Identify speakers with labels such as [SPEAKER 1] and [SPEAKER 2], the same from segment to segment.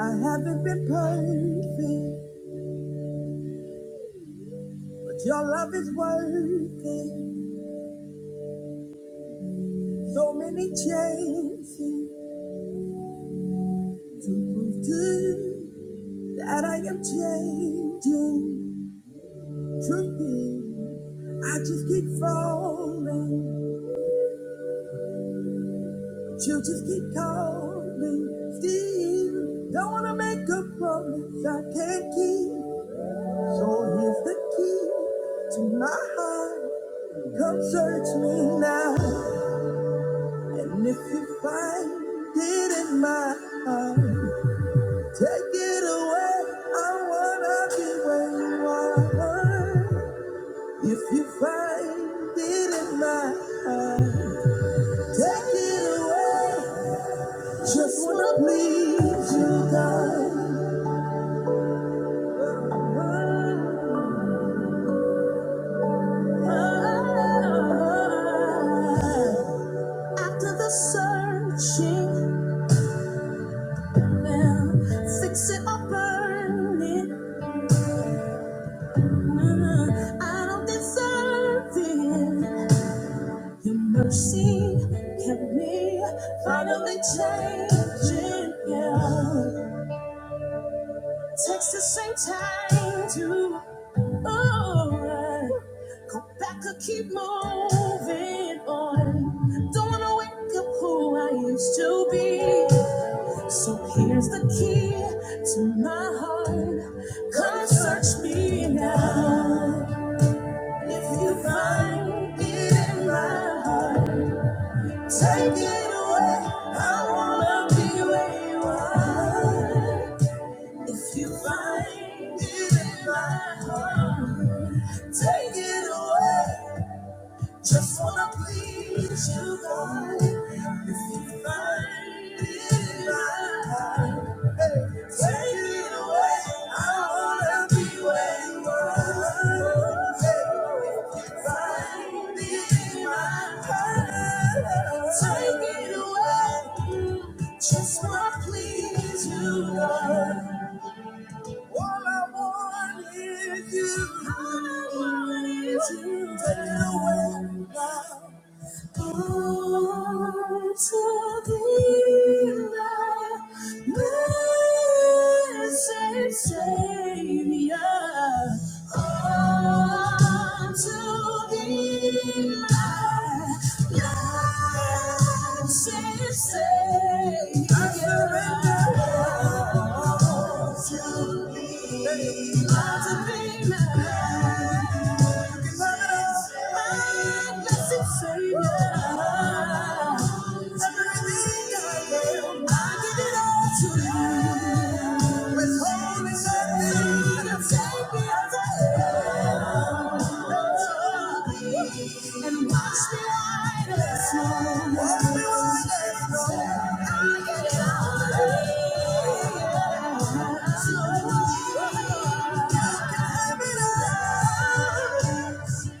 [SPEAKER 1] I haven't been perfect, but your love is worth it. So many chances to prove to you that I am changing. Truth is, I just keep falling, but you just keep calling. Still, don't wanna make a promise I can't keep. So here's the key to my heart. Come search me now. And if you find it in my heart, take it away. I wanna be where you are. If you find it in my heart, take it away. Just wanna please you, God. After the searching, well, fix it or burn it. I don't deserve it. Your mercy kept me finally changing. Yeah. Takes the same time to oh, go back or keep moving on. Don't wanna wake up who I used to be. So here's the key to my heart. Come search me now. If you find it in my heart, take it away. I wanna be where you are. If you find it in my heart, take it away. Just wanna please you, God. If you find it right, hey, take it away. I wanna be where you are. Hey, if you find it right, take it away. Just wanna please you, God. All I want is you. All I want is you. Take it away now. Savior, to be mine. Withholding nothing, take me away. And watch me ride the snow. Watch me ride the snow. I get lonely. So you can have it all.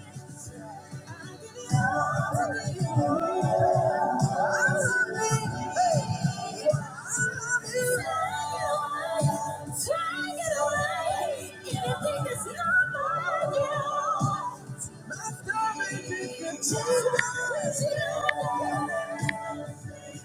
[SPEAKER 1] Thank you.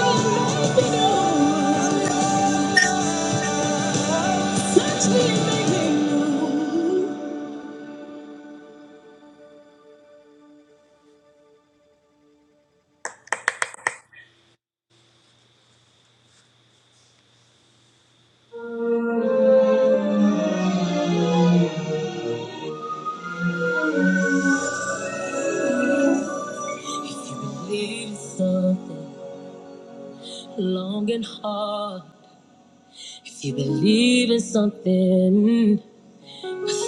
[SPEAKER 1] If you believe in something long and hard, if you believe in something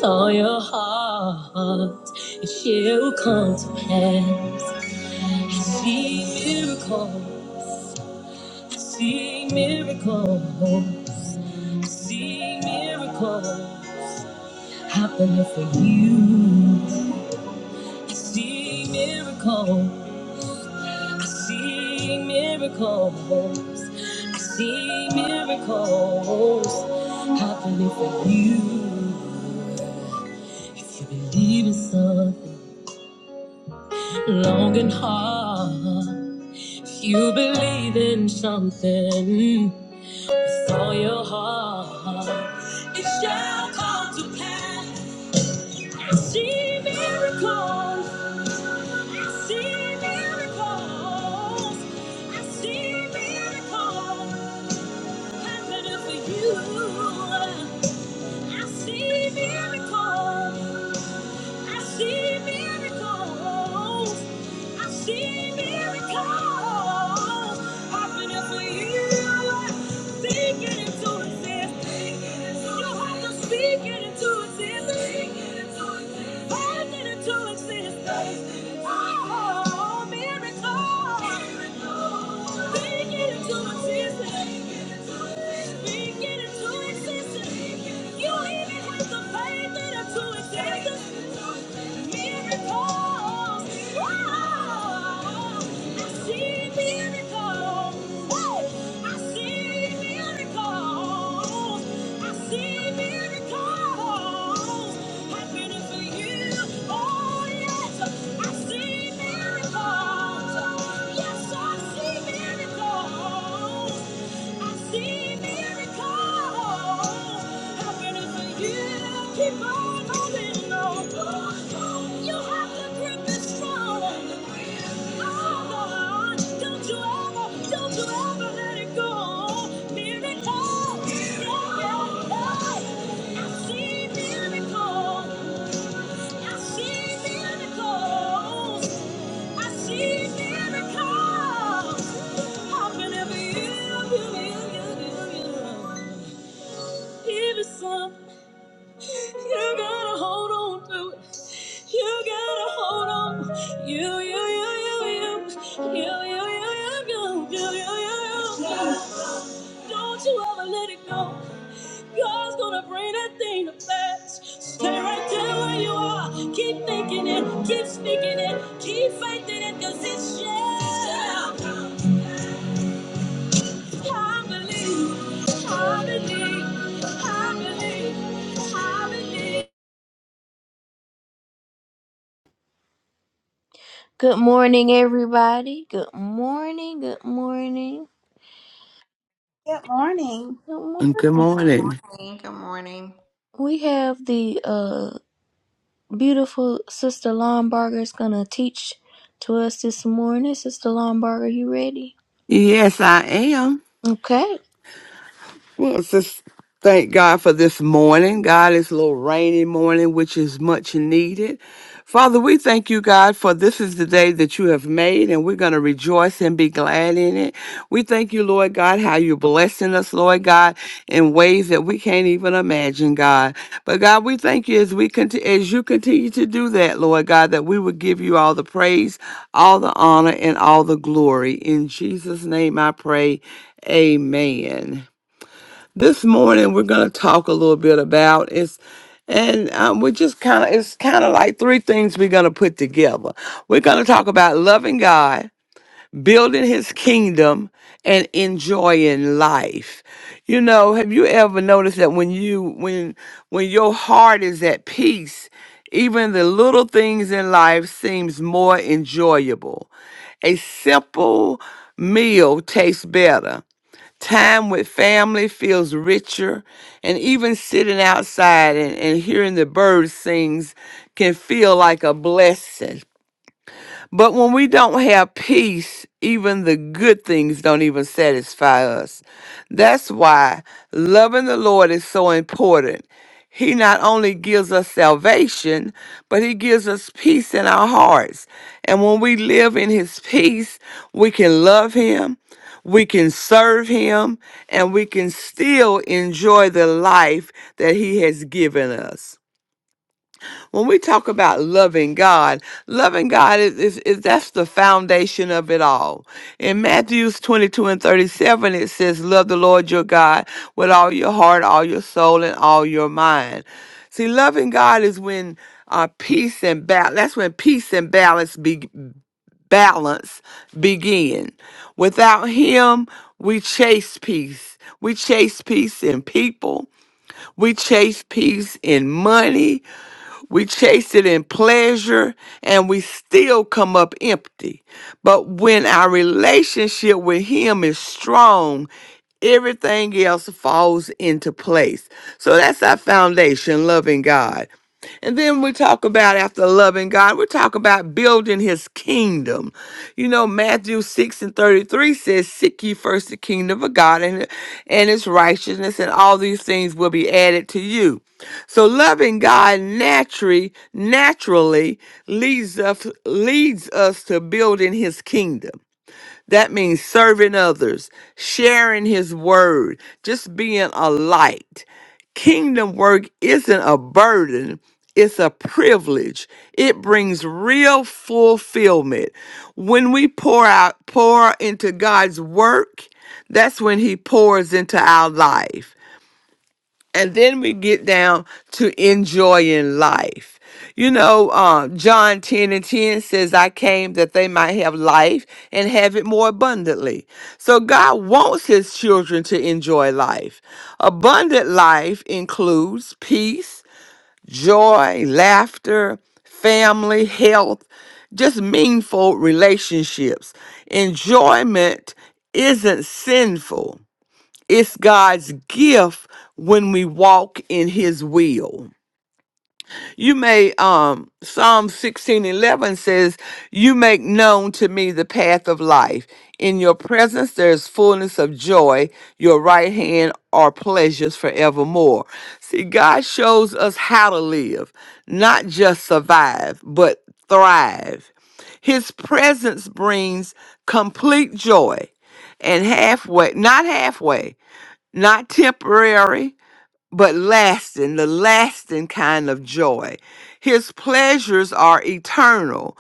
[SPEAKER 1] For your heart, it shall come to pass. See miracles, see miracles, see miracles happening for you. I see miracles, I see miracles, I see miracles happening for you. If you believe in something long and hard. If you believe in something with all your heart, it shall come to pass. I see miracles. I see miracles. I see miracles happening for you. I see miracles. I see miracles. I see miracles happening for you. Speak it into existence. You don't have to speak it into existence. Find it into existence. Oh, miracles. Speak it into existence. Speak it into existence. You don't even have to. fight. Miracles. Yes, I see miracles. I see miracles happening for you. Keep on holding on. You have to grip it strong. Oh, Lord, don't you ever, don't you ever let it go. Miracles, yeah, yeah, yeah. I see miracles. I see miracles. I see miracles happening every year, year, year, year, year. Even some, you gotta hold on to it. You gotta hold on. You, you, you, you, you, you, you, you, you, you, you, you, you. Don't you ever let it go. God's gonna bring that thing to pass. Stay right there where you are. Keep thinking it, keep speaking it, keep faithing it, cause it's yeah. Good morning, everybody. Good morning. Good morning.
[SPEAKER 2] Good morning.
[SPEAKER 1] Good morning.
[SPEAKER 3] Good
[SPEAKER 4] Good
[SPEAKER 3] morning.
[SPEAKER 4] morning. Good morning.
[SPEAKER 1] We have the uh, beautiful Sister Lombarger is going to teach to us this morning. Sister Lombarger, you ready?
[SPEAKER 3] Yes, I am.
[SPEAKER 1] Okay.
[SPEAKER 3] Well, just thank God for this morning. God, it's a little rainy morning, which is much needed. Father, we thank you, God, for this is the day that you have made, and we're going to rejoice and be glad in it. We thank you, Lord God, how you're blessing us, Lord God, in ways that we can't even imagine, God. But God, we thank you as we continue, as you continue to do that, Lord God, that we will give you all the praise, all the honor, and all the glory. In Jesus' name, I pray. Amen this morning we're going to talk a little bit about is and um, we just kind of it's kind of like three things we're going to put together we're going to talk about loving god building his kingdom and enjoying life you know have you ever noticed that when you when when your heart is at peace even the little things in life seems more enjoyable a simple meal tastes better Time with family feels richer, and even sitting outside and, and hearing the birds sings can feel like a blessing. But when we don't have peace, even the good things don't even satisfy us. That's why loving the Lord is so important. He not only gives us salvation, but He gives us peace in our hearts. And when we live in His peace, we can love Him, we can serve Him, and we can still enjoy the life that He has given us when we talk about loving God, loving God is, is, is that's the foundation of it all. In Matthews 22 and 37, it says, Love the Lord your God with all your heart, all your soul, and all your mind. See, loving God is when uh, peace and balance, that's when peace and balance be- balance begin. Without him, we chase peace. We chase peace in people. We chase peace in money. We chase it in pleasure and we still come up empty. But when our relationship with Him is strong, everything else falls into place. So that's our foundation, loving God. And then we talk about after loving God, we talk about building his kingdom. You know, Matthew 6 and 33 says, Seek ye first the kingdom of God and, and his righteousness, and all these things will be added to you. So loving God naturally, naturally leads us leads us to building his kingdom. That means serving others, sharing his word, just being a light. Kingdom work isn't a burden, it's a privilege. It brings real fulfillment. When we pour out pour into God's work, that's when he pours into our life. And then we get down to enjoying life. You know, uh, John 10 and 10 says, I came that they might have life and have it more abundantly. So God wants his children to enjoy life. Abundant life includes peace, joy, laughter, family, health, just meaningful relationships. Enjoyment isn't sinful. It's God's gift when we walk in his will. You may um Psalm 16:11 says, "You make known to me the path of life. In your presence there is fullness of joy. Your right hand are pleasures forevermore." See, God shows us how to live, not just survive, but thrive. His presence brings complete joy and halfway, not halfway not temporary, but lasting, the lasting kind of joy. His pleasures are eternal.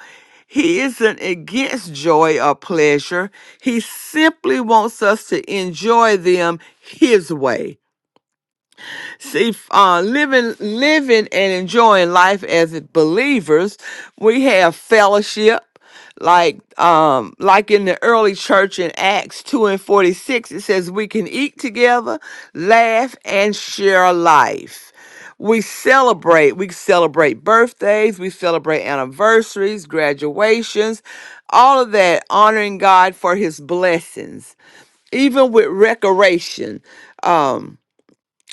[SPEAKER 3] He isn't against joy or pleasure. He simply wants us to enjoy them his way. See, uh, living, living and enjoying life as believers, we have fellowship, like, um, like in the early church in Acts two and forty six. It says we can eat together, laugh, and share life. We celebrate. We celebrate birthdays. We celebrate anniversaries, graduations, all of that, honoring God for His blessings, even with recreation. Um,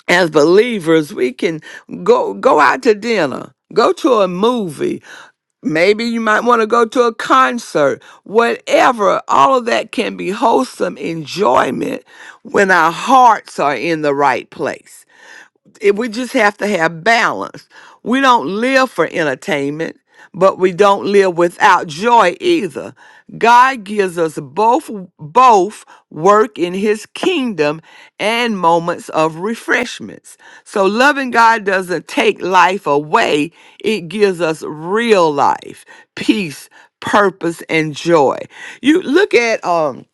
[SPEAKER 3] as believers, we can go go out to dinner, go to a movie. Maybe you might want to go to a concert. Whatever, all of that can be wholesome enjoyment when our hearts are in the right place it, we just have to have balance. We don't live for entertainment, but we don't live without joy either. God gives us both both work in his kingdom and moments of refreshments. So loving God doesn't take life away, it gives us real life, peace, purpose and joy. You look at um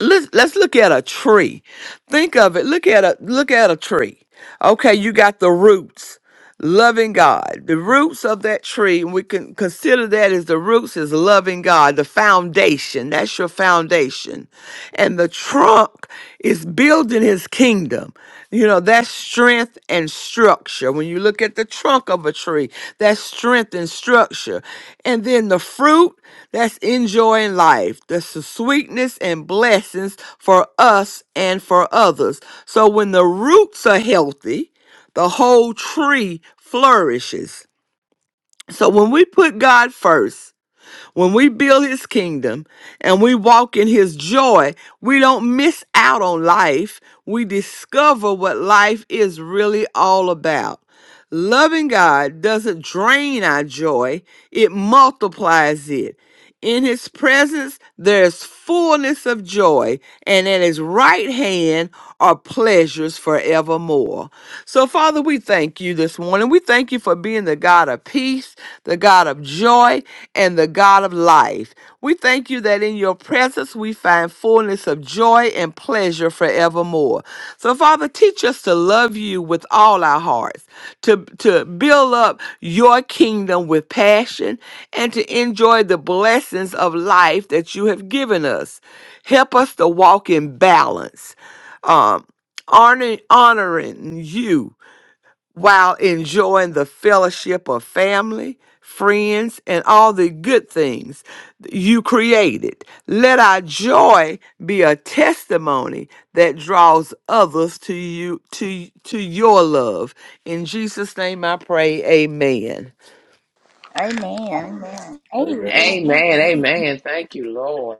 [SPEAKER 3] let's let's look at a tree. Think of it. Look at a look at a tree. Okay, you got the roots. Loving God. The roots of that tree, and we can consider that as the roots is loving God, the foundation. That's your foundation. And the trunk is building his kingdom. You know, that's strength and structure. When you look at the trunk of a tree, that's strength and structure. And then the fruit, that's enjoying life. That's the sweetness and blessings for us and for others. So when the roots are healthy, the whole tree flourishes. So when we put God first, when we build his kingdom and we walk in his joy, we don't miss out on life. We discover what life is really all about. Loving God doesn't drain our joy, it multiplies it. In his presence there is fullness of joy, and at his right hand are pleasures forevermore. So, Father, we thank you this morning. We thank you for being the God of peace, the God of joy, and the God of life. We thank you that in your presence we find fullness of joy and pleasure forevermore. So, Father, teach us to love you with all our hearts, to, to build up your kingdom with passion, and to enjoy the blessings of life that you have given us. Help us to walk in balance, um, honoring, honoring you while enjoying the fellowship of family, friends, and all the good things you created. Let our joy be a testimony that draws others to you to to your love. In Jesus name I pray. Amen.
[SPEAKER 5] Amen. Amen.
[SPEAKER 2] Amen.
[SPEAKER 6] Amen.
[SPEAKER 7] Amen.
[SPEAKER 2] Amen.
[SPEAKER 7] Amen. Thank you, Lord.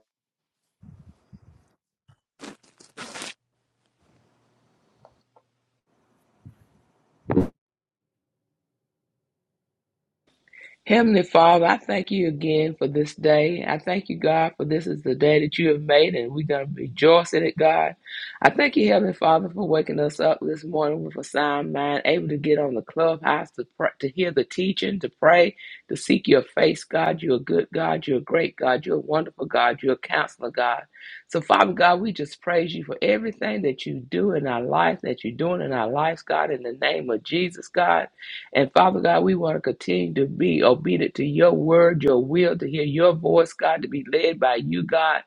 [SPEAKER 7] Heavenly Father, I thank you again for this day. I thank you, God, for this is the day that you have made, and we're going to rejoice in it, God. I thank you, Heavenly Father, for waking us up this morning with a sound mind, able to get on the clubhouse to pr- to hear the teaching, to pray, to seek your face, God. You're a good God. You're a great God. You're a wonderful God. You're a counselor, God. So, Father God, we just praise you for everything that you do in our life, that you're doing in our lives, God, in the name of Jesus, God. And Father God, we want to continue to be obedient to your word, your will, to hear your voice, God, to be led by you, God.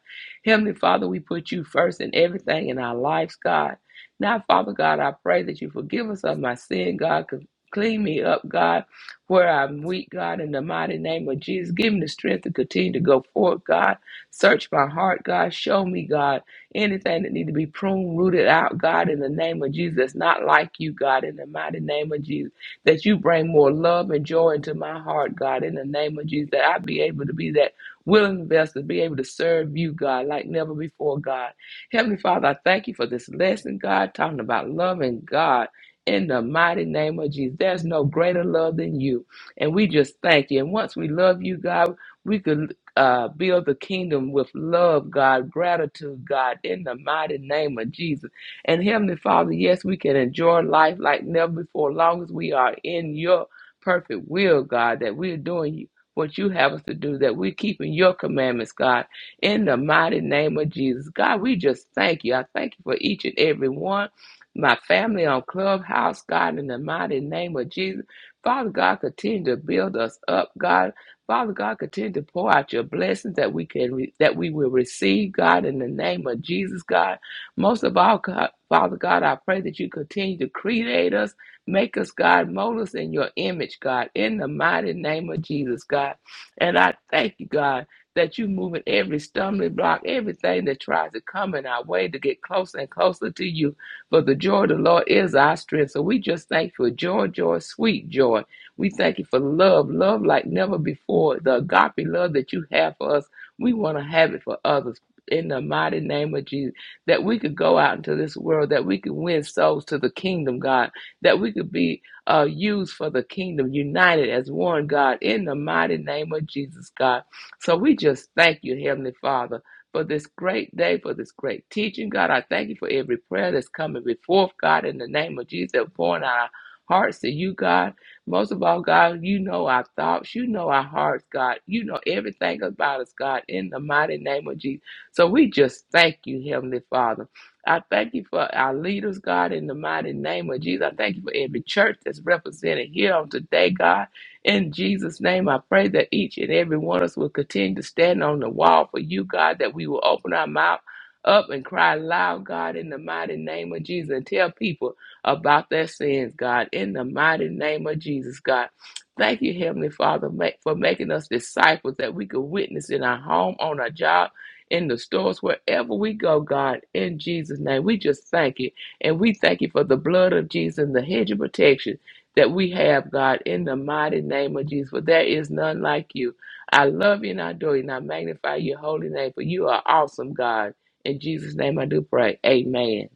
[SPEAKER 7] Heavenly Father, we put you first in everything in our lives, God. Now, Father God, I pray that you forgive us of my sin, God. c- Clean me up, God, where I'm weak, God, in the mighty name of Jesus. Give me the strength to continue to go forward, God. Search my heart, God. Show me, God, anything that need to be pruned, rooted out, God, in the name of Jesus. That's not like you, God, in the mighty name of Jesus that you bring more love and joy into my heart, God, in the name of Jesus, that I be able to be that willing vessel, be able to serve you, God, like never before, God. Heavenly Father, I thank you for this lesson, God, talking about loving God. In the mighty name of Jesus, there's no greater love than you. And we just thank you. And once we love you, God, we could uh, build the kingdom with love, God, gratitude, God, in the mighty name of Jesus. And Heavenly Father, yes, we can enjoy life like never before, long as we are in your perfect will, God, that we're doing what you have us to do, that we're keeping your commandments, God, in the mighty name of Jesus. God, we just thank you. I thank you for each and every one. My family on Clubhouse, God, in the mighty name of Jesus. Father God, continue to build us up, God. Father God, continue to pour out your blessings that we can re- that we will receive, God, in the name of Jesus, God. Most of all, God, Father God, I pray that you continue to create us, make us, God, mold us in your image, God, in the mighty name of Jesus, God. And I thank you, God, that you move in every stumbling block, everything that tries to come in our way to get closer and closer to you. For the joy of the Lord is our strength. So we just thank you for joy, joy, sweet joy. We thank you for love, love like never before, the agape love that you have for us. We want to have it for others in the mighty name of Jesus that we could go out into this world, that we could win souls to the kingdom, God, that we could be uh, used for the kingdom, united as one, God, in the mighty name of Jesus, God. So we just thank you, Heavenly Father. For this great day, for this great teaching, God, I thank you for every prayer that's coming before, God, in the name of Jesus, that pouring out our hearts to you, God. Most of all, God, you know our thoughts, you know our hearts, God. You know everything about us, God, in the mighty name of Jesus. So we just thank you, Heavenly Father. I thank you for our leaders, God, in the mighty name of Jesus. I thank you for every church that's represented here on today, God. In Jesus' name, I pray that each and every one of us will continue to stand on the wall for you, God, that we will open our mouth up and cry loud, God, in the mighty name of Jesus, and tell people about their sins, God, in the mighty name of Jesus, God. Thank you, Heavenly Father, ma- for making us disciples that we could witness in our home, on our job in the stores, wherever we go, God, in Jesus' name. We just thank you. And we thank you for the blood of Jesus and the hedge of protection that we have, God, in the mighty name of Jesus. For there is none like you. I love you and I adore you and I magnify your holy name, for you are awesome, God. In Jesus' name I do pray. Amen.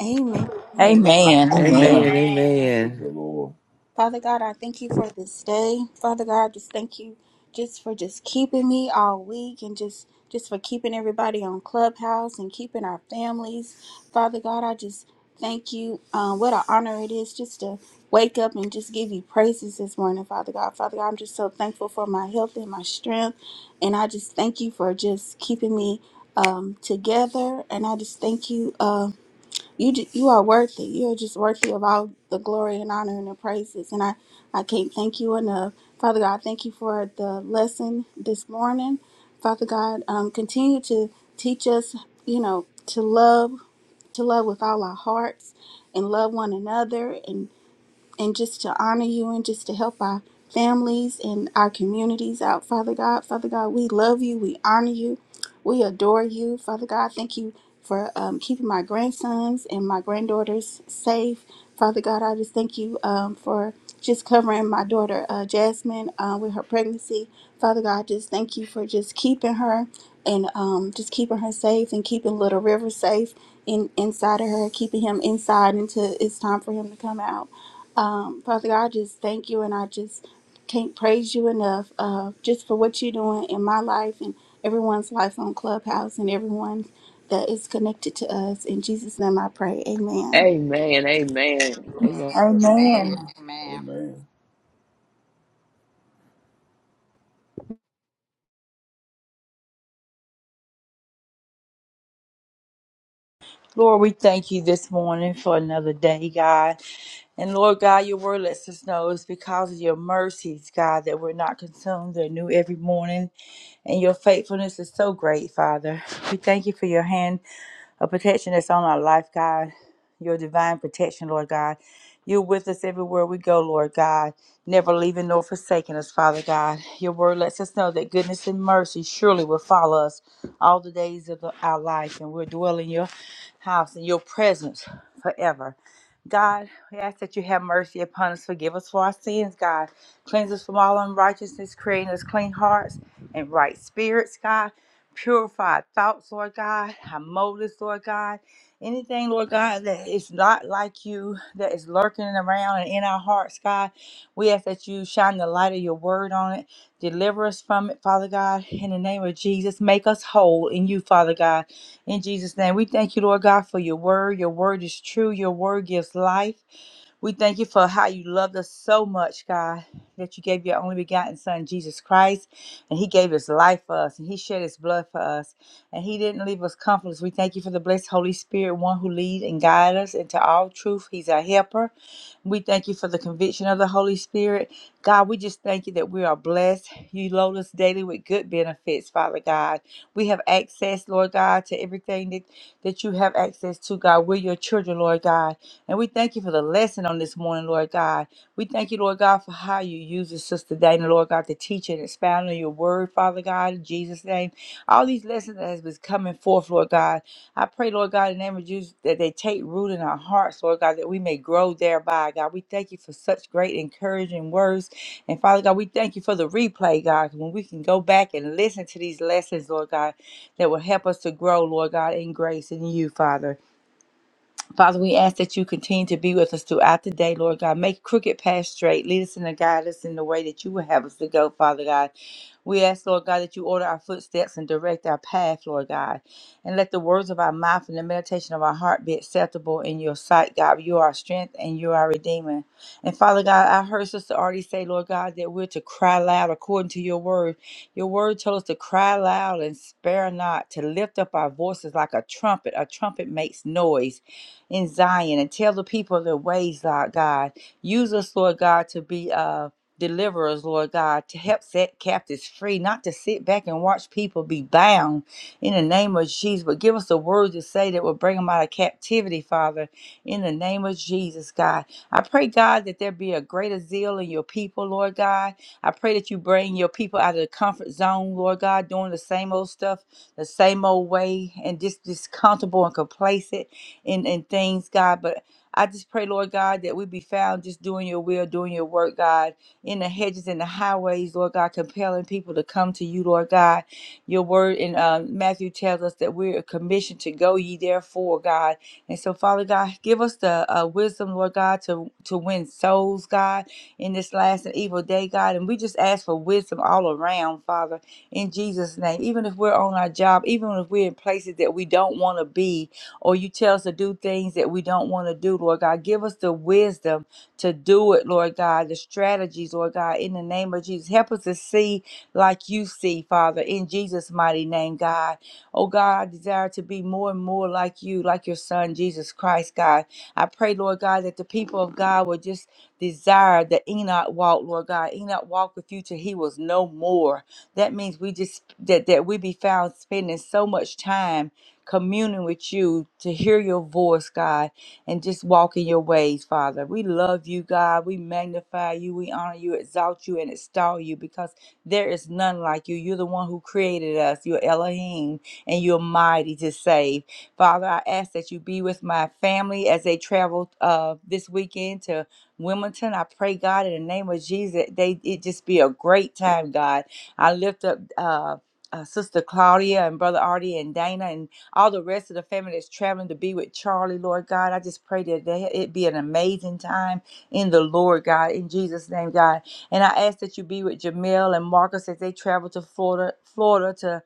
[SPEAKER 2] Amen.
[SPEAKER 4] Amen.
[SPEAKER 5] Amen.
[SPEAKER 4] Amen.
[SPEAKER 3] Amen.
[SPEAKER 5] Amen.
[SPEAKER 8] Amen.
[SPEAKER 6] Praise
[SPEAKER 3] Amen.
[SPEAKER 6] the Lord.
[SPEAKER 2] Father God, I thank you for this day. Father God, just thank you just for just keeping me all week and just just for keeping everybody on Clubhouse and keeping our families. Father God, I just thank you. Um, what an honor it is just to wake up and just give you praises this morning, Father God. Father God, I'm just so thankful for my health and my strength. And I just thank you for just keeping me um, together. And I just thank you. Um, You ju- you are worthy. You're just worthy of all the glory and honor and the praises. And I, I can't thank you enough. Father God, thank you for the lesson this morning. Father God, um, continue to teach us, you know, to love, to love with all our hearts and love one another and just to honor you and just to help our families and our communities out, Father God. Father God, we love you. We honor you. We adore you, Father God. Thank you for um, keeping my grandsons and my granddaughters safe. Father God, I just thank you um, for just covering my daughter uh, Jasmine uh, with her pregnancy. Father God, just thank you for just keeping her and um, just keeping her safe and keeping Little River safe in inside of her, keeping him inside until it's time for him to come out. Um, Father God, I just thank you and I just can't praise you enough uh, just for what you're doing in my life and everyone's life on Clubhouse and everyone that is connected to us. In Jesus' name I pray. Amen.
[SPEAKER 7] Amen. Amen. Amen.
[SPEAKER 5] Amen.
[SPEAKER 6] Amen.
[SPEAKER 4] Amen.
[SPEAKER 6] Amen.
[SPEAKER 5] Lord, we thank you this morning for another day, God. And Lord God, your word lets us know it's because of your mercies, God, that we're not consumed. They're new every morning. And your faithfulness is so great, Father. We thank you for your hand a protection that's on our life, God. Your divine protection, Lord God. You're with us everywhere we go, Lord God, never leaving nor forsaking us, Father God. Your word lets us know that goodness and mercy surely will follow us all the days of the- our life, and we'll dwell in your house, in your presence forever. God, we ask that you have mercy upon us. Forgive us for our sins, God. Cleanse us from all unrighteousness, creating us clean hearts and right spirits, God. Purify our thoughts, Lord God, our motives, Lord God. Anything, Lord God, that is not like you, that is lurking around and in our hearts, God, we ask that you shine the light of your word on it. Deliver us from it, Father God, in the name of Jesus. Make us whole in you, Father God. In Jesus' name, we thank you, Lord God, for your word. Your word is true. Your word gives life. We thank you for how you loved us so much, God, that you gave your only begotten Son, Jesus Christ, and He gave His life for us, and He shed His blood for us, and He didn't leave us comfortless. We thank you for the blessed Holy Spirit, one who leads and guides us into all truth. He's our helper. We thank you for the conviction of the Holy Spirit. God, we just thank you that we are blessed. You load us daily with good benefits, Father God. We have access, Lord God, to everything that, that you have access to, God. We're your children, Lord God. And we thank you for the lesson on this morning, Lord God. We thank you, Lord God, for how you use this Sister Dana, Lord God, to teach and expound on your word, Father God, in Jesus' name. All these lessons that has been coming forth, Lord God. I pray, Lord God, in the name of Jesus, that they take root in our hearts, Lord God, that we may grow thereby, God. We thank you for such great encouraging words. And Father God, we thank you for the replay, God, when we can go back and listen to these lessons, Lord God, that will help us to grow, Lord God, in grace in you, Father. Father, we ask that you continue to be with us throughout the day, Lord God. Make crooked paths straight. Lead us and guide us in the way that you would have us to go, Father God. We ask, Lord God, that you order our footsteps and direct our path, Lord God. And let the words of our mouth and the meditation of our heart be acceptable in your sight, God. You are our strength and you are our redeemer. And Father God, I heard Sister already say, Lord God, that we're to cry loud according to your word. Your word told us to cry loud and spare not, to lift up our voices like a trumpet. A trumpet makes noise in Zion and tell the people their ways, Lord God. Use us, Lord God, to be uh, deliverers, Lord God, to help set captives free, not to sit back and watch people be bound in the name of Jesus. But give us the words to say that will bring them out of captivity, Father, in the name of Jesus, God. I pray, God, that there be a greater zeal in your people, Lord God. I pray that you bring your people out of the comfort zone, Lord God, doing the same old stuff, the same old way, and just, just comfortable and complacent and, and things, God. But I just pray, Lord God, that we be found just doing your will, doing your work, God, in the hedges and the highways, Lord God, compelling people to come to you, Lord God. Your word in uh, Matthew tells us that we're commissioned to go ye therefore, God. And so, Father God, give us the uh, wisdom, Lord God, to, to win souls, God, in this last and evil day, God. And we just ask for wisdom all around, Father, in Jesus' name. Even if we're on our job, even if we're in places that we don't want to be, or you tell us to do things that we don't want to do, Lord God. Give us the wisdom to do it, Lord God, the strategies, Lord God, in the name of Jesus. Help us to see like you see, Father, in Jesus' mighty name, God. Oh, God, I desire to be more and more like you, like your Son, Jesus Christ, God. I pray, Lord God, that the people of God will just desire that Enoch walk, Lord God. Enoch walked with you till he was no more. That means we just that that we be found spending so much time communing with you, to hear your voice, God, and just walk in your ways, Father. We love you, God. We magnify you. We honor you, exalt you, and extol you because there is none like you. You're the one who created us. You're Elohim, and you're mighty to save. Father, I ask that you be with my family as they travel uh, this weekend to Wilmington. I pray, God, in the name of Jesus, that they it just be a great time, God. I lift up uh, uh, Sister Claudia and Brother Artie and Dana and all the rest of the family that's traveling to be with Charlie, Lord God. I just pray that they, it be an amazing time in the Lord, God, in Jesus' name, God. And I ask that you be with Jamel and Marcus as they travel to Florida, Florida to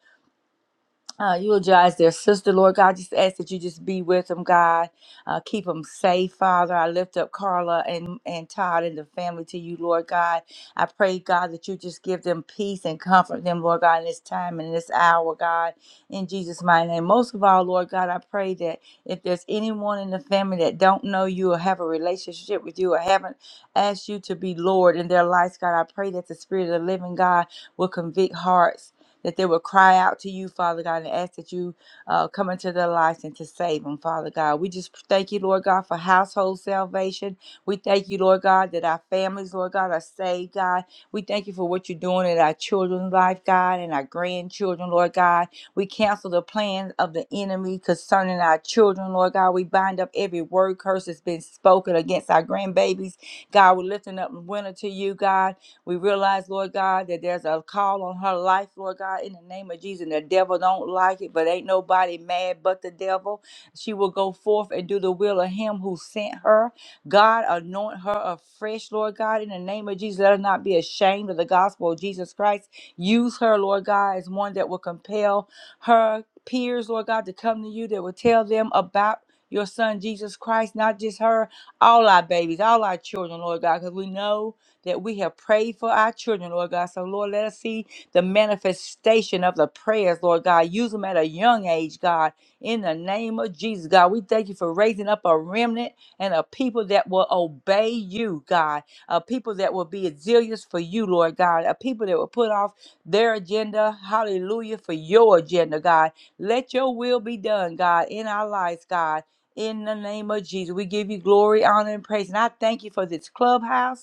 [SPEAKER 5] uh, eulogize their sister, Lord God. Just ask that you just be with them, God. Uh, keep them safe, Father. I lift up Carla and, and Todd and the family to you, Lord God. I pray, God, that you just give them peace and comfort them, Lord God, in this time and in this hour, God. In Jesus' mighty name. Most of all, Lord God, I pray that if there's anyone in the family that don't know you or have a relationship with you or haven't asked you to be Lord in their lives, God, I pray that the Spirit of the living God will convict hearts that they will cry out to you, Father God, and ask that you uh, come into their lives and to save them, Father God. We just thank you, Lord God, for household salvation. We thank you, Lord God, that our families, Lord God, are saved, God. We thank you for what you're doing in our children's life, God, and our grandchildren, Lord God. We cancel the plans of the enemy concerning our children, Lord God. We bind up every word curse that's been spoken against our grandbabies. God, we're lifting up winter to you, God. We realize, Lord God, that there's a call on her life, Lord God, in the name of Jesus. And the devil don't like it, but ain't nobody mad but the devil. She will go forth and do the will of him who sent her. God, anoint her afresh, Lord God, in the name of Jesus. Let her not be ashamed of the gospel of Jesus Christ. Use her, Lord God, as one that will compel her peers, Lord God, to come to you, that will tell them about your son Jesus Christ, not just her, all our babies, all our children, Lord God, because we know that we have prayed for our children, Lord God. So, Lord, let us see the manifestation of the prayers, Lord God. Use them at a young age, God. In the name of Jesus, God, we thank you for raising up a remnant and a people that will obey you, God. A people that will be zealous for you, Lord God. A people that will put off their agenda, hallelujah, for your agenda, God. Let your will be done, God, in our lives, God. In the name of Jesus, we give you glory, honor, and praise. And I thank you for this clubhouse.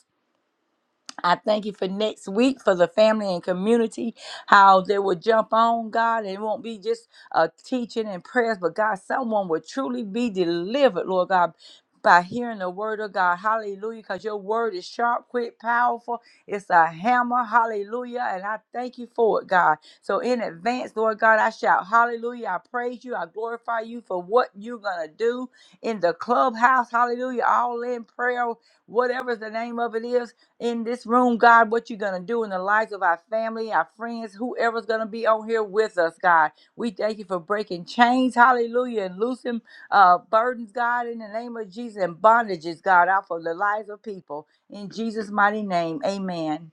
[SPEAKER 5] I thank you for next week for the family and community, how they will jump on God and it won't be just a teaching and prayers, but God, someone will truly be delivered, Lord God. By hearing the word of God, hallelujah, because your word is sharp, quick, powerful. It's a hammer, hallelujah, and I thank you for it, God. So, in advance, Lord God, I shout hallelujah. I praise you, I glorify you for what you're going to do in the clubhouse, hallelujah, all in prayer, whatever the name of it is in this room, God, what you're going to do in the lives of our family, our friends, whoever's going to be on here with us, God. We thank you for breaking chains, hallelujah, and loosening uh, burdens, God, in the name of Jesus, and bondages, God, out for the lives of people. In Jesus' mighty name, amen.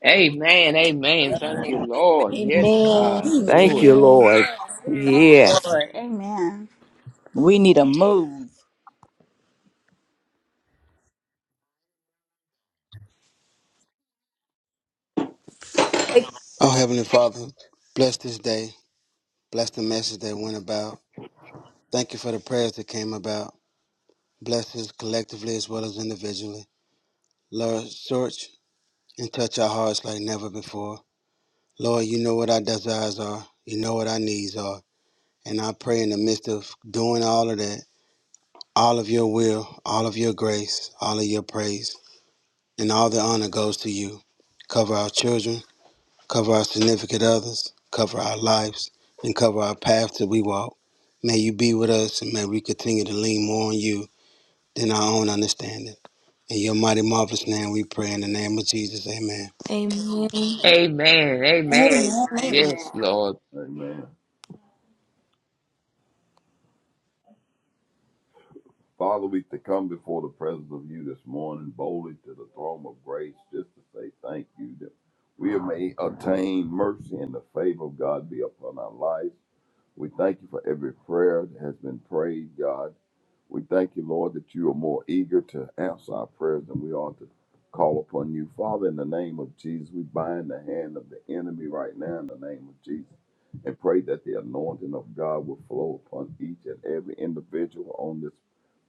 [SPEAKER 4] Amen.
[SPEAKER 7] Amen. Amen. Thank
[SPEAKER 4] Amen.
[SPEAKER 7] you, Lord. Yes,
[SPEAKER 1] Amen.
[SPEAKER 7] God. Do
[SPEAKER 3] Thank you,
[SPEAKER 7] it.
[SPEAKER 1] Amen.
[SPEAKER 3] Lord.
[SPEAKER 2] We Thank you,
[SPEAKER 3] Yes.
[SPEAKER 2] Lord. Amen.
[SPEAKER 5] We need a move.
[SPEAKER 9] Oh, Heavenly Father, bless this day. Bless the message that went about. Thank you for the prayers that came about. Bless us collectively as well as individually. Lord, search and touch our hearts like never before. Lord, you know what our desires are. You know what our needs are. And I pray in the midst of doing all of that, all of your will, all of your grace, all of your praise, and all the honor goes to you. Cover our children, cover our significant others, cover our lives, and cover our path that we walk. May you be with us, and may we continue to lean more on you than our own understanding. In your mighty, marvelous name, we pray in the name of Jesus. Amen.
[SPEAKER 1] Amen.
[SPEAKER 7] Amen. Amen.
[SPEAKER 2] Amen.
[SPEAKER 4] Amen.
[SPEAKER 2] Amen.
[SPEAKER 4] Amen.
[SPEAKER 7] Yes, Lord.
[SPEAKER 6] Amen. Father, we to come before the presence of you this morning boldly to the throne of grace just to say thank you that we may attain mercy and the favor of God be upon our lives. We thank you for every prayer that has been prayed, God. We thank you, Lord, that you are more eager to answer our prayers than we are to call upon you. Father, in the name of Jesus, we bind the hand of the enemy right now in the name of Jesus and pray that the anointing of God will flow upon each and every individual on this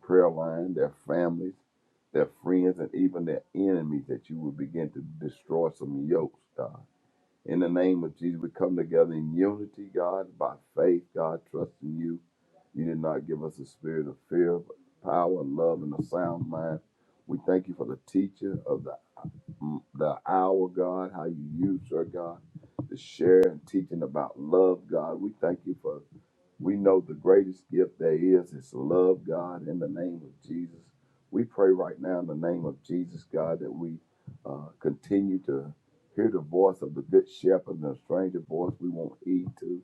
[SPEAKER 6] prayer line, their families, their friends, and even their enemies, that you will begin to destroy some yokes, God. In the name of Jesus, we come together in unity, God, by faith, God, trusting you. You did not give us a spirit of fear, but power, love, and a sound mind. We thank you for the teacher of the, mm, the hour, God, how you use her, God, to share and teaching about love, God. We thank you for we know the greatest gift there is is to love God in the name of Jesus. We pray right now in the name of Jesus, God, that we uh, continue to hear the voice of the good shepherd and the stranger voice we won't heed to.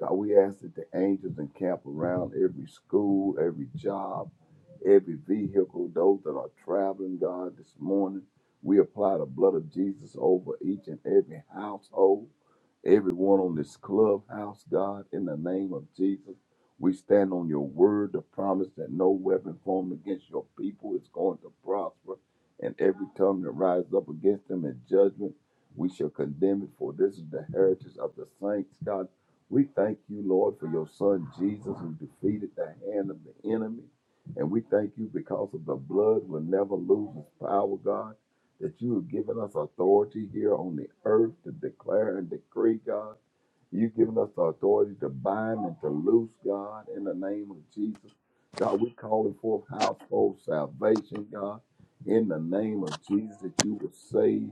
[SPEAKER 6] God, we ask that the angels encamp around every school, every job, every vehicle, those that are traveling, God, this morning. We apply the blood of Jesus over each and every household everyone on this clubhouse, God, in the name of Jesus. We stand on your word, the promise that no weapon formed against your people is going to prosper, and every tongue that rises up against them in judgment, we shall condemn it, for this is the heritage of the saints, God. We thank you, Lord, for your son Jesus who defeated the hand of the enemy. And we thank you because of the blood will never lose its power, God that you have given us authority here on the earth to declare and decree, God You've given us the authority to bind and to loose, God, in the name of Jesus. God, we're calling forth household salvation, God, in the name of Jesus, that you will save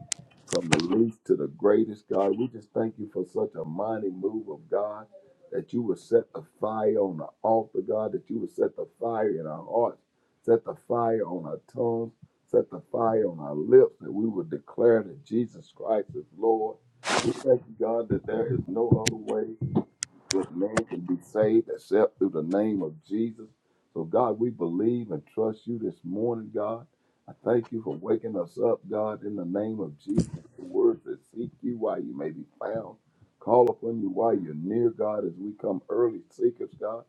[SPEAKER 6] from the least to the greatest, God. We just thank you for such a mighty move of God, that you will set the fire on the altar, God, that you will set the fire in our hearts, set the fire on our tongues, set the fire on our lips, that we will declare that Jesus Christ is Lord we thank you, God, that there is no other way that man can be saved except through the name of Jesus. So, God, we believe and trust you this morning, God. I thank you for waking us up, God, in the name of Jesus. The words that seek you while you may be found. Call upon you while you're near, God, as we come early seekers, God.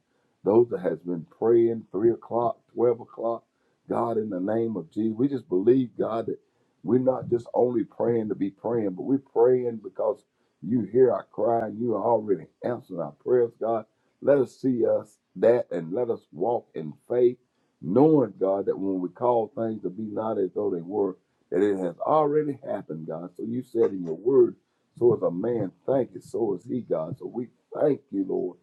[SPEAKER 6] Those that has been praying, 3 o'clock, 12 o'clock, God, in the name of Jesus. We just believe, God, that we're not just only praying to be praying, but we're praying because you hear our cry. You are already answering our prayers, God. Let us see us that and let us walk in faith, knowing, God, that when we call things to be not as though they were, that it has already happened, God. So you said in your word, so is a man thank you, so is he, God. So we thank you, Lord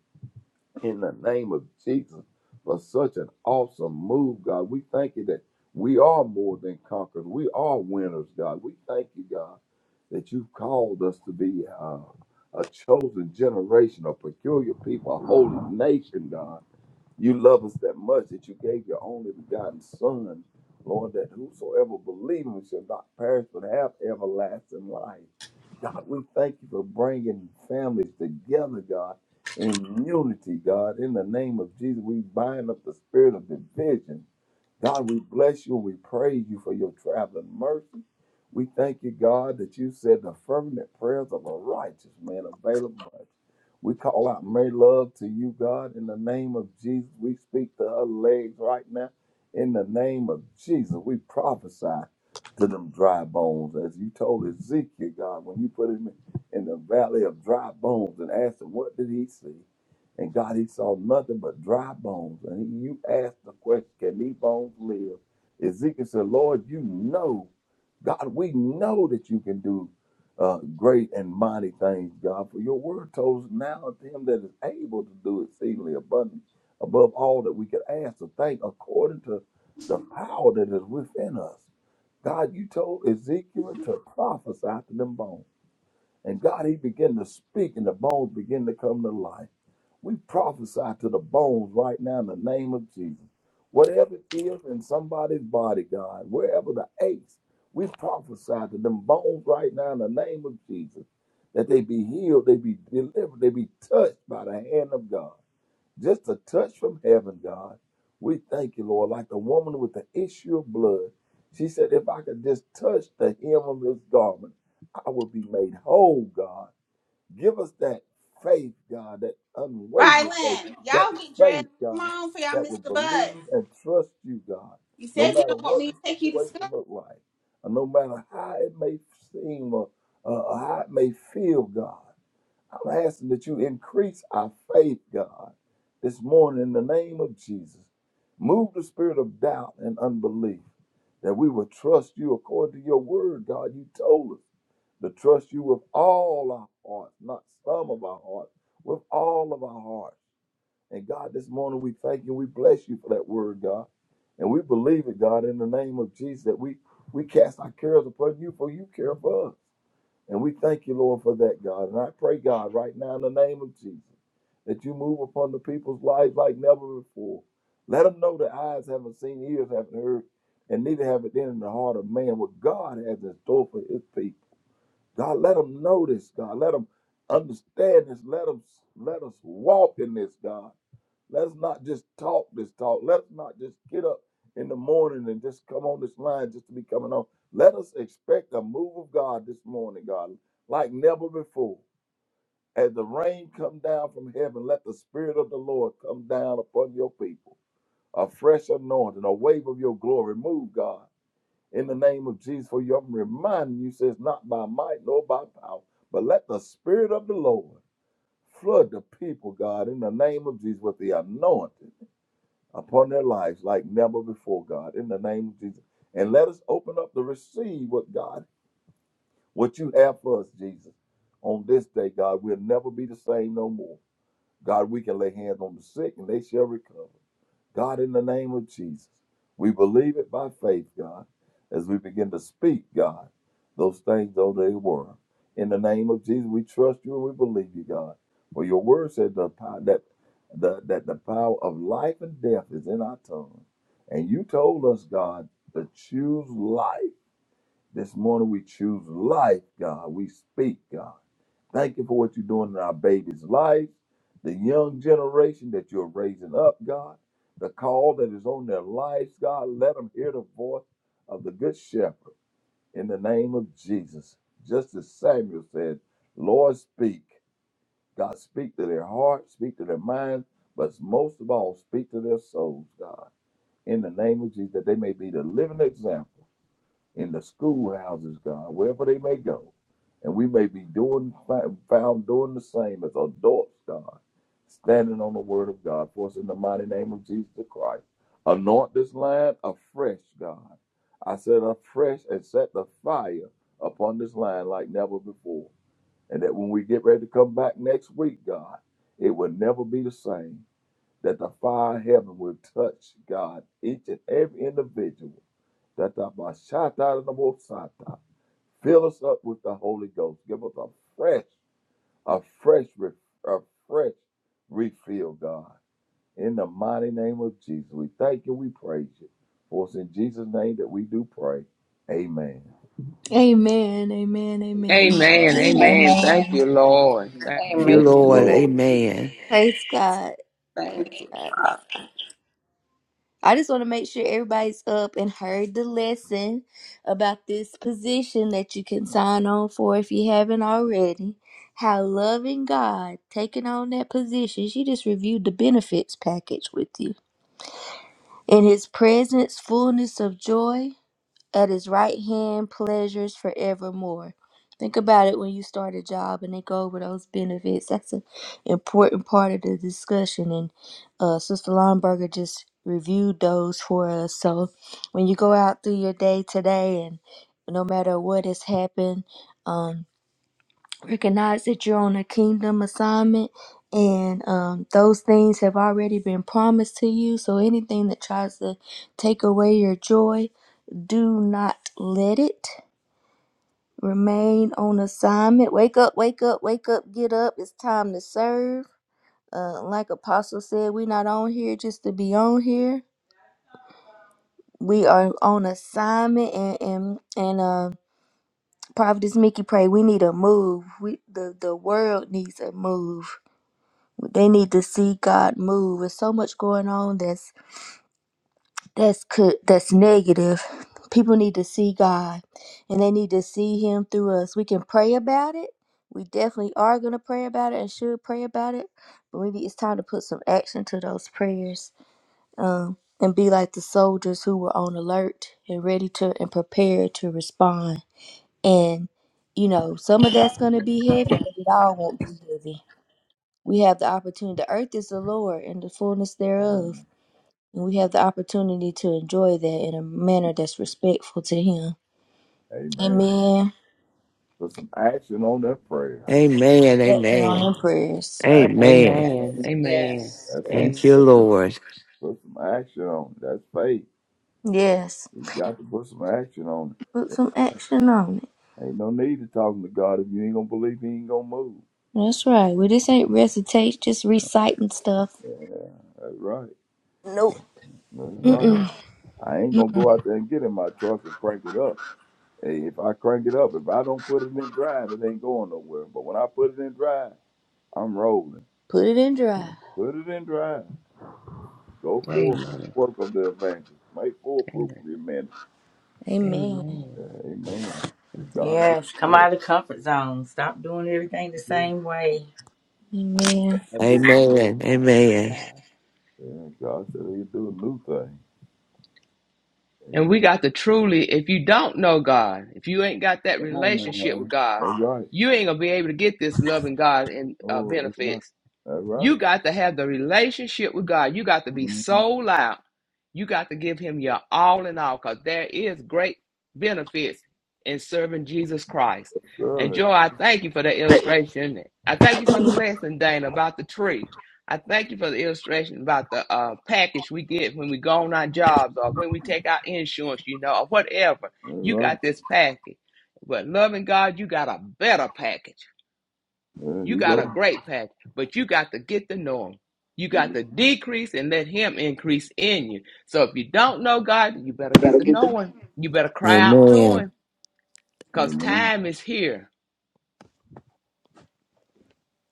[SPEAKER 6] in the name of Jesus for such an awesome move, God. We thank you that we are more than conquerors. We are winners, God. We thank you, God, that you've called us to be uh, a chosen generation, a peculiar people, a holy nation, God. You love us that much that you gave your only begotten Son, Lord, that whosoever believes shall not perish but have everlasting life. God, we thank you for bringing families together, God, in unity, God. In the name of Jesus, we bind up the spirit of division God, we bless you and we praise you for your traveling mercy. We thank you, God, that you said the fervent prayers of a righteous man avail much. We call out "May love to you, God, in the name of Jesus. We speak to her legs right now. In the name of Jesus, we prophesy to them dry bones. As you told Ezekiel, God, when you put him in the valley of dry bones and asked him, what did he see? And God, he saw nothing but dry bones. And he, you asked the question, can these bones live? Ezekiel said, Lord, you know, God, we know that you can do uh, great and mighty things, God. For your word told us now to him that is able to do exceedingly abundantly above all that we could ask or think according to the power that is within us. God, you told Ezekiel to prophesy to them bones. And God, he began to speak, and the bones began to come to life. We prophesy to the bones right now in the name of Jesus. Whatever it is in somebody's body, God, wherever the aches, we prophesy to them bones right now in the name of Jesus that they be healed, they be delivered, they be touched by the hand of God. Just a touch from heaven, God. We thank you, Lord. Like the woman with the issue of blood, she said, If I could just touch the hem of his garment, I would be made whole, God. Give us that faith, God, that unwavering faith,
[SPEAKER 2] Rylan,
[SPEAKER 6] that
[SPEAKER 2] y'all get dressed.
[SPEAKER 6] faith,
[SPEAKER 2] Come
[SPEAKER 6] God,
[SPEAKER 2] on for y'all
[SPEAKER 6] that will
[SPEAKER 2] Mr. Bud.
[SPEAKER 6] believe and trust you, God,
[SPEAKER 2] You
[SPEAKER 6] no
[SPEAKER 2] said you
[SPEAKER 6] matter
[SPEAKER 2] don't want
[SPEAKER 6] what
[SPEAKER 2] me
[SPEAKER 6] the
[SPEAKER 2] to take you to school.
[SPEAKER 6] situation look like, or no matter how it may seem or, uh, or how it may feel, God. I'm asking that you increase our faith, God, this morning in the name of Jesus. Move the spirit of doubt and unbelief that we will trust you according to your word, God. You told us to trust you with all our heart, not some of our heart, with all of our heart. And God, this morning we thank you, we bless you for that word, God. And we believe it, God, in the name of Jesus, that we, we cast our cares upon you, for you care for us. And we thank you, Lord, for that, God. And I pray, God, right now in the name of Jesus, that you move upon the people's lives like never before. Let them know that eyes haven't seen, ears haven't heard, and neither have it been in the heart of man what God has in store for his people. God, let them know this, God. Let them understand this. Let them let us walk in this, God. Let's not just talk this talk. Let's not just get up in the morning and just come on this line just to be coming on. Let us expect a move of God this morning, God, like never before. As the rain come down from heaven, let the spirit of the Lord come down upon your people. A fresh anointing, a wave of your glory. Move, God, in the name of Jesus. For you, I'm reminding you, says not by might nor by power, but let the spirit of the Lord flood the people, God, in the name of Jesus with the anointing upon their lives like never before, God, in the name of Jesus. And let us open up to receive what God, what you have for us, Jesus. On this day, God, we'll never be the same no more. God, we can lay hands on the sick and they shall recover. God, in the name of Jesus, we believe it by faith, God, as we begin to speak, God, those things though they were. In the name of Jesus, we trust you and we believe you, God. For your word said the power, that, the, that the power of life and death is in our tongue. And you told us, God, to choose life. This morning we choose life, God. We speak, God. Thank you for what you're doing in our baby's life, the young generation that you're raising up, God, the call that is on their lives, God. Let them hear the voice of the Good Shepherd in the name of Jesus. Just as Samuel said, Lord, speak. God, speak to their heart, speak to their mind, but most of all, speak to their souls, God, in the name of Jesus, that they may be the living example in the schoolhouses, God, wherever they may go. And we may be doing found doing the same as adults, God, standing on the word of God for us in the mighty name of Jesus Christ. Anoint this land afresh, God. I said afresh and set the fire upon this land like never before. And that when we get ready to come back next week, God, it will never be the same. That the fire of heaven will touch, God, each and every individual Tatabashatadabosata. Fill us up with the Holy Ghost. Give us a fresh, a fresh, re- a fresh refill, God. In the mighty name of Jesus, we thank you. We praise you. For it's in Jesus' name that we do pray. Amen.
[SPEAKER 1] Amen. Amen.
[SPEAKER 10] Thank
[SPEAKER 1] Amen.
[SPEAKER 7] Amen.
[SPEAKER 10] you.
[SPEAKER 7] Amen.
[SPEAKER 6] Hallelujah.
[SPEAKER 2] Amen.
[SPEAKER 7] Thank
[SPEAKER 5] Amen.
[SPEAKER 7] you, Lord. Thank-
[SPEAKER 3] Thank
[SPEAKER 4] Amen.
[SPEAKER 3] you,
[SPEAKER 6] Yes,
[SPEAKER 3] Lord.
[SPEAKER 6] Lord. Yes,
[SPEAKER 3] Amen.
[SPEAKER 1] Praise God.
[SPEAKER 4] Thank
[SPEAKER 1] Praise
[SPEAKER 4] you,
[SPEAKER 1] God.
[SPEAKER 4] Father.
[SPEAKER 1] I just want to make sure everybody's up and heard the lesson about this position that you can sign on for if you haven't already. How loving God taking on that position. She just reviewed the benefits package with you. In his presence, fullness of joy. At his right hand, pleasures forevermore. Think about it when you start a job and they go over those benefits. That's an important part of the discussion. And uh, Sister Lomberger just reviewed those for us. So when you go out through your day today and no matter what has happened, um, recognize that you're on a kingdom assignment and um, those things have already been promised to you. So anything that tries to take away your joy, do not let it remain on assignment. Wake up, wake up, wake up, get up. It's time to serve. Uh, like Apostle said, we're not on here just to be on here. We are on assignment and and, and uh Prophetess Mickey pray we need a move. We the, the world needs a move. They need to see God move. There's so much going on that's. that's could that's negative. People need to see God and they need to see him through us. We can pray about it. We definitely are gonna pray about it and should pray about it. But we need, it's time to put some action to those prayers. Um and be like the soldiers who were on alert and ready to and prepared to respond. And you know, some of that's gonna be heavy, but it all won't be heavy. We have the opportunity. The earth is the Lord and the fullness thereof
[SPEAKER 6] Lord.
[SPEAKER 1] and we have the opportunity to enjoy that in a manner that's respectful to Him.
[SPEAKER 6] Amen.
[SPEAKER 1] Amen.
[SPEAKER 6] Put some action on that prayer.
[SPEAKER 3] Amen.
[SPEAKER 1] Action on
[SPEAKER 3] Amen.
[SPEAKER 1] them prayers.
[SPEAKER 6] Action on
[SPEAKER 3] Amen.
[SPEAKER 4] Yes.
[SPEAKER 7] Amen.
[SPEAKER 6] prayer.
[SPEAKER 7] Amen.
[SPEAKER 4] Yes.
[SPEAKER 6] That's what.
[SPEAKER 3] Thank
[SPEAKER 7] Amen.
[SPEAKER 3] you,
[SPEAKER 4] yes.
[SPEAKER 3] Lord.
[SPEAKER 6] Put some action on. it. That's faith.
[SPEAKER 1] Yes.
[SPEAKER 6] We got to put some action on it.
[SPEAKER 1] Put some action on it.
[SPEAKER 6] Ain't no need to talking to God if you ain't gonna believe He ain't gonna move.
[SPEAKER 1] That's right. We just ain't recitation, just reciting stuff.
[SPEAKER 6] Yeah, that's right.
[SPEAKER 1] Nope.
[SPEAKER 6] That's right.
[SPEAKER 7] Amen.
[SPEAKER 1] Mm-mm.
[SPEAKER 6] I ain't gonna go out there and get in my truck and crank it up. Hey, if I crank it up, if I don't put it in drive, it ain't going nowhere. But when I put it in drive, I'm rolling.
[SPEAKER 1] Put it in dry.
[SPEAKER 6] Put it in drive. Go forth, do the
[SPEAKER 7] Amen.
[SPEAKER 6] work of the evangelist. Make full proof
[SPEAKER 7] Amen.
[SPEAKER 6] of your ministry.
[SPEAKER 1] Amen.
[SPEAKER 7] Amen.
[SPEAKER 6] Yeah, Amen. God be the
[SPEAKER 5] Yes, come
[SPEAKER 6] glory.
[SPEAKER 5] out of the comfort zone. Stop doing everything the
[SPEAKER 6] God
[SPEAKER 5] same way.
[SPEAKER 1] Amen.
[SPEAKER 6] be the glory.
[SPEAKER 3] Amen.
[SPEAKER 7] Praise
[SPEAKER 3] Amen.
[SPEAKER 7] God.
[SPEAKER 6] Yeah, God said He'll do a new thing.
[SPEAKER 7] And
[SPEAKER 6] Amen.
[SPEAKER 7] we got to truly, if you don't know God, if you ain't got that
[SPEAKER 6] Come on now,
[SPEAKER 7] relationship with
[SPEAKER 6] honey.
[SPEAKER 7] God,
[SPEAKER 6] That's right.
[SPEAKER 7] you ain't gonna be able to get this loving God and uh,
[SPEAKER 6] Oh, that's right.
[SPEAKER 7] benefits
[SPEAKER 6] That's right.
[SPEAKER 7] You got to have the relationship with God. You got to be
[SPEAKER 6] Mm-hmm.
[SPEAKER 7] sold out. You got to give him your all in all because there is great benefits in serving Jesus Christ. And
[SPEAKER 6] Good.
[SPEAKER 7] Joy, I thank you for the illustration. I thank you for the lesson, Dana, about the tree. I thank you for the illustration about the uh, package we get when we go on our jobs or when we take our insurance, you know, or whatever.
[SPEAKER 6] That's
[SPEAKER 7] You
[SPEAKER 6] right.
[SPEAKER 7] got this package. But loving God, you got a better package.
[SPEAKER 6] Yeah,
[SPEAKER 7] You
[SPEAKER 6] he
[SPEAKER 7] got
[SPEAKER 6] low.
[SPEAKER 7] a great pack, but you got to get to know him. You
[SPEAKER 6] He
[SPEAKER 7] got
[SPEAKER 6] low.
[SPEAKER 7] to decrease and let him increase in you. So if you don't know God, you better get
[SPEAKER 1] That'll
[SPEAKER 7] to
[SPEAKER 1] get them.
[SPEAKER 7] know him. You better cry out to
[SPEAKER 3] Amen.
[SPEAKER 7] him because
[SPEAKER 6] Amen.
[SPEAKER 7] time is here.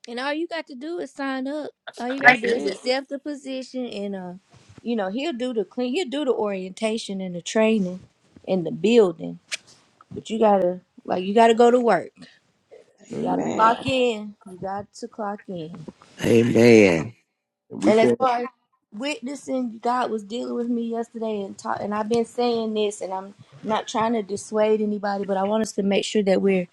[SPEAKER 1] And all you got to do is sign up. All you gotta
[SPEAKER 7] That's
[SPEAKER 1] do is
[SPEAKER 7] it.
[SPEAKER 1] accept the position, and uh, you know he'll do the clean. He'll do the orientation and the training and the building But you gotta like you gotta go to work. You gotta
[SPEAKER 6] Amen.
[SPEAKER 4] Amen.
[SPEAKER 1] clock in. You got to clock in.
[SPEAKER 3] Amen.
[SPEAKER 6] And we
[SPEAKER 1] And as
[SPEAKER 6] can't.
[SPEAKER 1] far witnessing God was dealing with me yesterday and talk, and I've been saying this and I'm not trying to dissuade anybody, but I want us to make sure that we're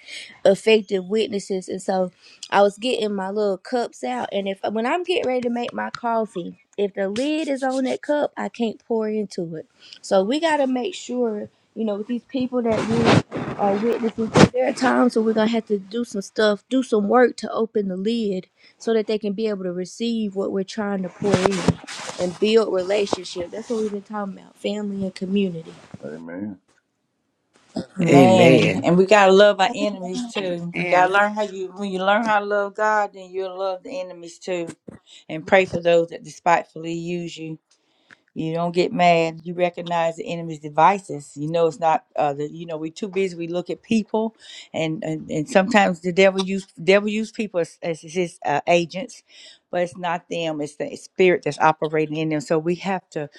[SPEAKER 1] effective witnesses. And so I was getting my little cups out and if when I'm getting ready to make my coffee, if the lid is on that cup, I can't pour into it. So we gotta make sure, you know, with these people that we are witnessing to, there are times where we're gonna have to do some stuff, do some work to open the lid so that they can be able to receive what we're trying to pour in and build relationship. That's what we've been talking about, family and community.
[SPEAKER 6] Amen. Amen.
[SPEAKER 5] Man,
[SPEAKER 3] Amen.
[SPEAKER 5] and we gotta love our enemies too. We gotta
[SPEAKER 4] Amen.
[SPEAKER 5] learn how you when you learn how to love God, then you'll love the enemies too. And pray for those that despitefully use you. You don't get mad. You recognize the enemy's devices. You know it's not. Uh, the, you know we're too busy. We look at people, and and, and sometimes the devil use devil use people as, as his uh, agents, but it's not them. It's the spirit that's operating in them. So we have to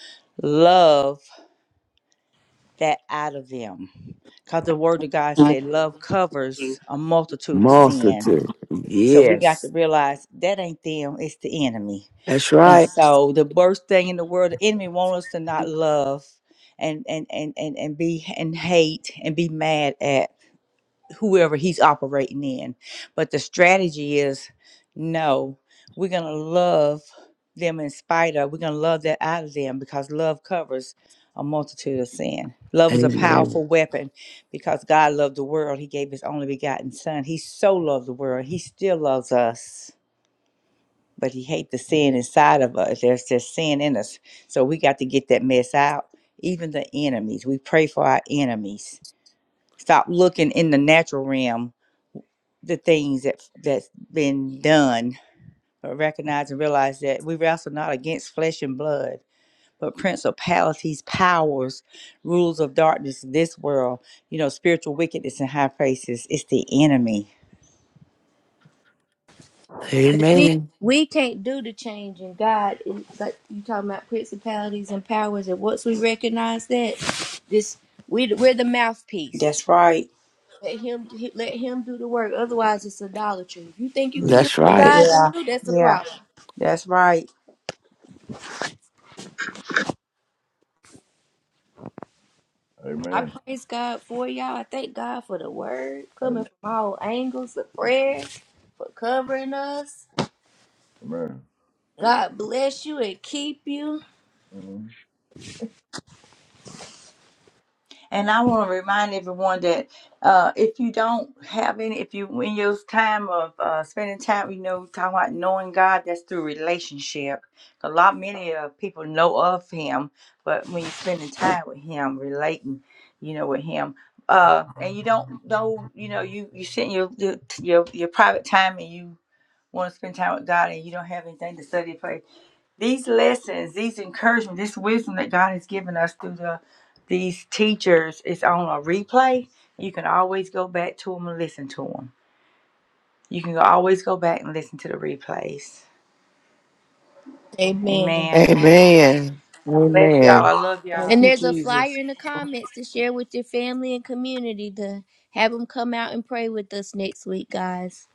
[SPEAKER 5] love that out of them. Because the word of God said love covers a multitude of sin.
[SPEAKER 3] Multitude.
[SPEAKER 5] So we got to
[SPEAKER 3] Yes.
[SPEAKER 5] realize that ain't them, it's the enemy.
[SPEAKER 3] That's
[SPEAKER 5] And
[SPEAKER 3] right.
[SPEAKER 5] so the worst thing in the world, the enemy wants us to not love and and and and, and be and hate and be mad at whoever he's operating in. But the strategy is no, we're going to love them in spite of, we're going to love that out of them because love covers a multitude of sin. Love is a
[SPEAKER 3] Amen.
[SPEAKER 5] powerful weapon because God loved the world. He gave his only begotten son. He so loved the world. He still loves us, but he hates the sin inside of us. There's just sin in us. So we got to get that mess out. Even the enemies. We pray for our enemies. Stop looking in the natural realm the things that that's been done, but recognize and realize that we wrestle not against flesh and blood, but principalities, powers, rules of darkness in this world, you know, spiritual wickedness in high places. It's the enemy.
[SPEAKER 1] But We
[SPEAKER 3] Amen.
[SPEAKER 1] we can't do the change in God. It's like you talking about principalities and powers, and once we recognize that, this we we're the mouthpiece.
[SPEAKER 5] That's right.
[SPEAKER 1] Let him let him do the work. Otherwise, it's idolatry. If you think you
[SPEAKER 5] Yeah.
[SPEAKER 1] can do
[SPEAKER 3] That's
[SPEAKER 1] what
[SPEAKER 3] right.
[SPEAKER 1] God can
[SPEAKER 5] Yeah.
[SPEAKER 1] do, that's a
[SPEAKER 5] Yeah.
[SPEAKER 1] problem.
[SPEAKER 5] That's right.
[SPEAKER 1] I
[SPEAKER 6] Amen.
[SPEAKER 1] praise God for y'all. I thank God for the word coming
[SPEAKER 6] Amen.
[SPEAKER 1] from all angles, the prayers for covering us.
[SPEAKER 6] Amen.
[SPEAKER 1] God bless you and keep you.
[SPEAKER 6] Mm-hmm.
[SPEAKER 5] And I want to remind everyone that uh, if you don't have any, if you in your time of uh, spending time, you know, talking about knowing God, that's through relationship. A lot many uh, people know of Him, but when you're spending time with Him, relating, you know, with Him, uh, and you don't know, you know, you you sit in your your your, your private time and you want to spend time with God, and you don't have anything to study for these lessons, these encouragement, this wisdom that God has given us through the these teachers is on a replay. You can always go back to them and listen to them. You can always go back and listen to the replays.
[SPEAKER 1] Amen.
[SPEAKER 5] Amen.
[SPEAKER 3] Amen.
[SPEAKER 5] Bless y'all.
[SPEAKER 3] Amen.
[SPEAKER 5] I love
[SPEAKER 7] Thank
[SPEAKER 5] y'all.
[SPEAKER 1] And
[SPEAKER 7] you,
[SPEAKER 1] there's a flyer
[SPEAKER 7] Jesus.
[SPEAKER 1] in the comments to share with your family and community to have them come out and pray with us next week, guys.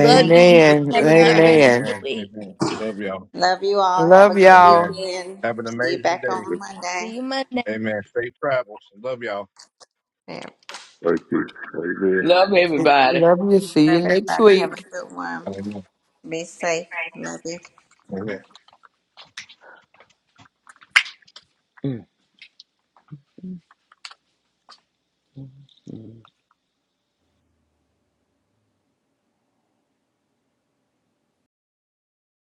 [SPEAKER 6] Amen.
[SPEAKER 4] Thank
[SPEAKER 1] you.
[SPEAKER 4] you
[SPEAKER 1] Have
[SPEAKER 4] for
[SPEAKER 1] a good
[SPEAKER 11] Amen.
[SPEAKER 1] rest
[SPEAKER 4] sharing.
[SPEAKER 1] of
[SPEAKER 3] Amen.
[SPEAKER 1] the
[SPEAKER 11] Amen.
[SPEAKER 1] week.
[SPEAKER 11] Amen. Love y'all.
[SPEAKER 4] Love you all. Have a
[SPEAKER 3] Love
[SPEAKER 4] good
[SPEAKER 11] Amen.
[SPEAKER 3] y'all.
[SPEAKER 4] weekend.
[SPEAKER 11] Have an
[SPEAKER 4] See you
[SPEAKER 11] amazing
[SPEAKER 4] back on
[SPEAKER 11] day.
[SPEAKER 4] Monday.
[SPEAKER 1] See you Monday.
[SPEAKER 11] Amen. Safe travels. Love y'all.
[SPEAKER 4] Yeah.
[SPEAKER 7] Love
[SPEAKER 4] Love
[SPEAKER 7] everybody.
[SPEAKER 3] Love you. See you next
[SPEAKER 4] everybody.
[SPEAKER 3] week.
[SPEAKER 4] Have
[SPEAKER 10] Amen.
[SPEAKER 4] a good one.
[SPEAKER 11] Amen.
[SPEAKER 4] Be safe. Love you.
[SPEAKER 11] Amen.
[SPEAKER 7] Mm.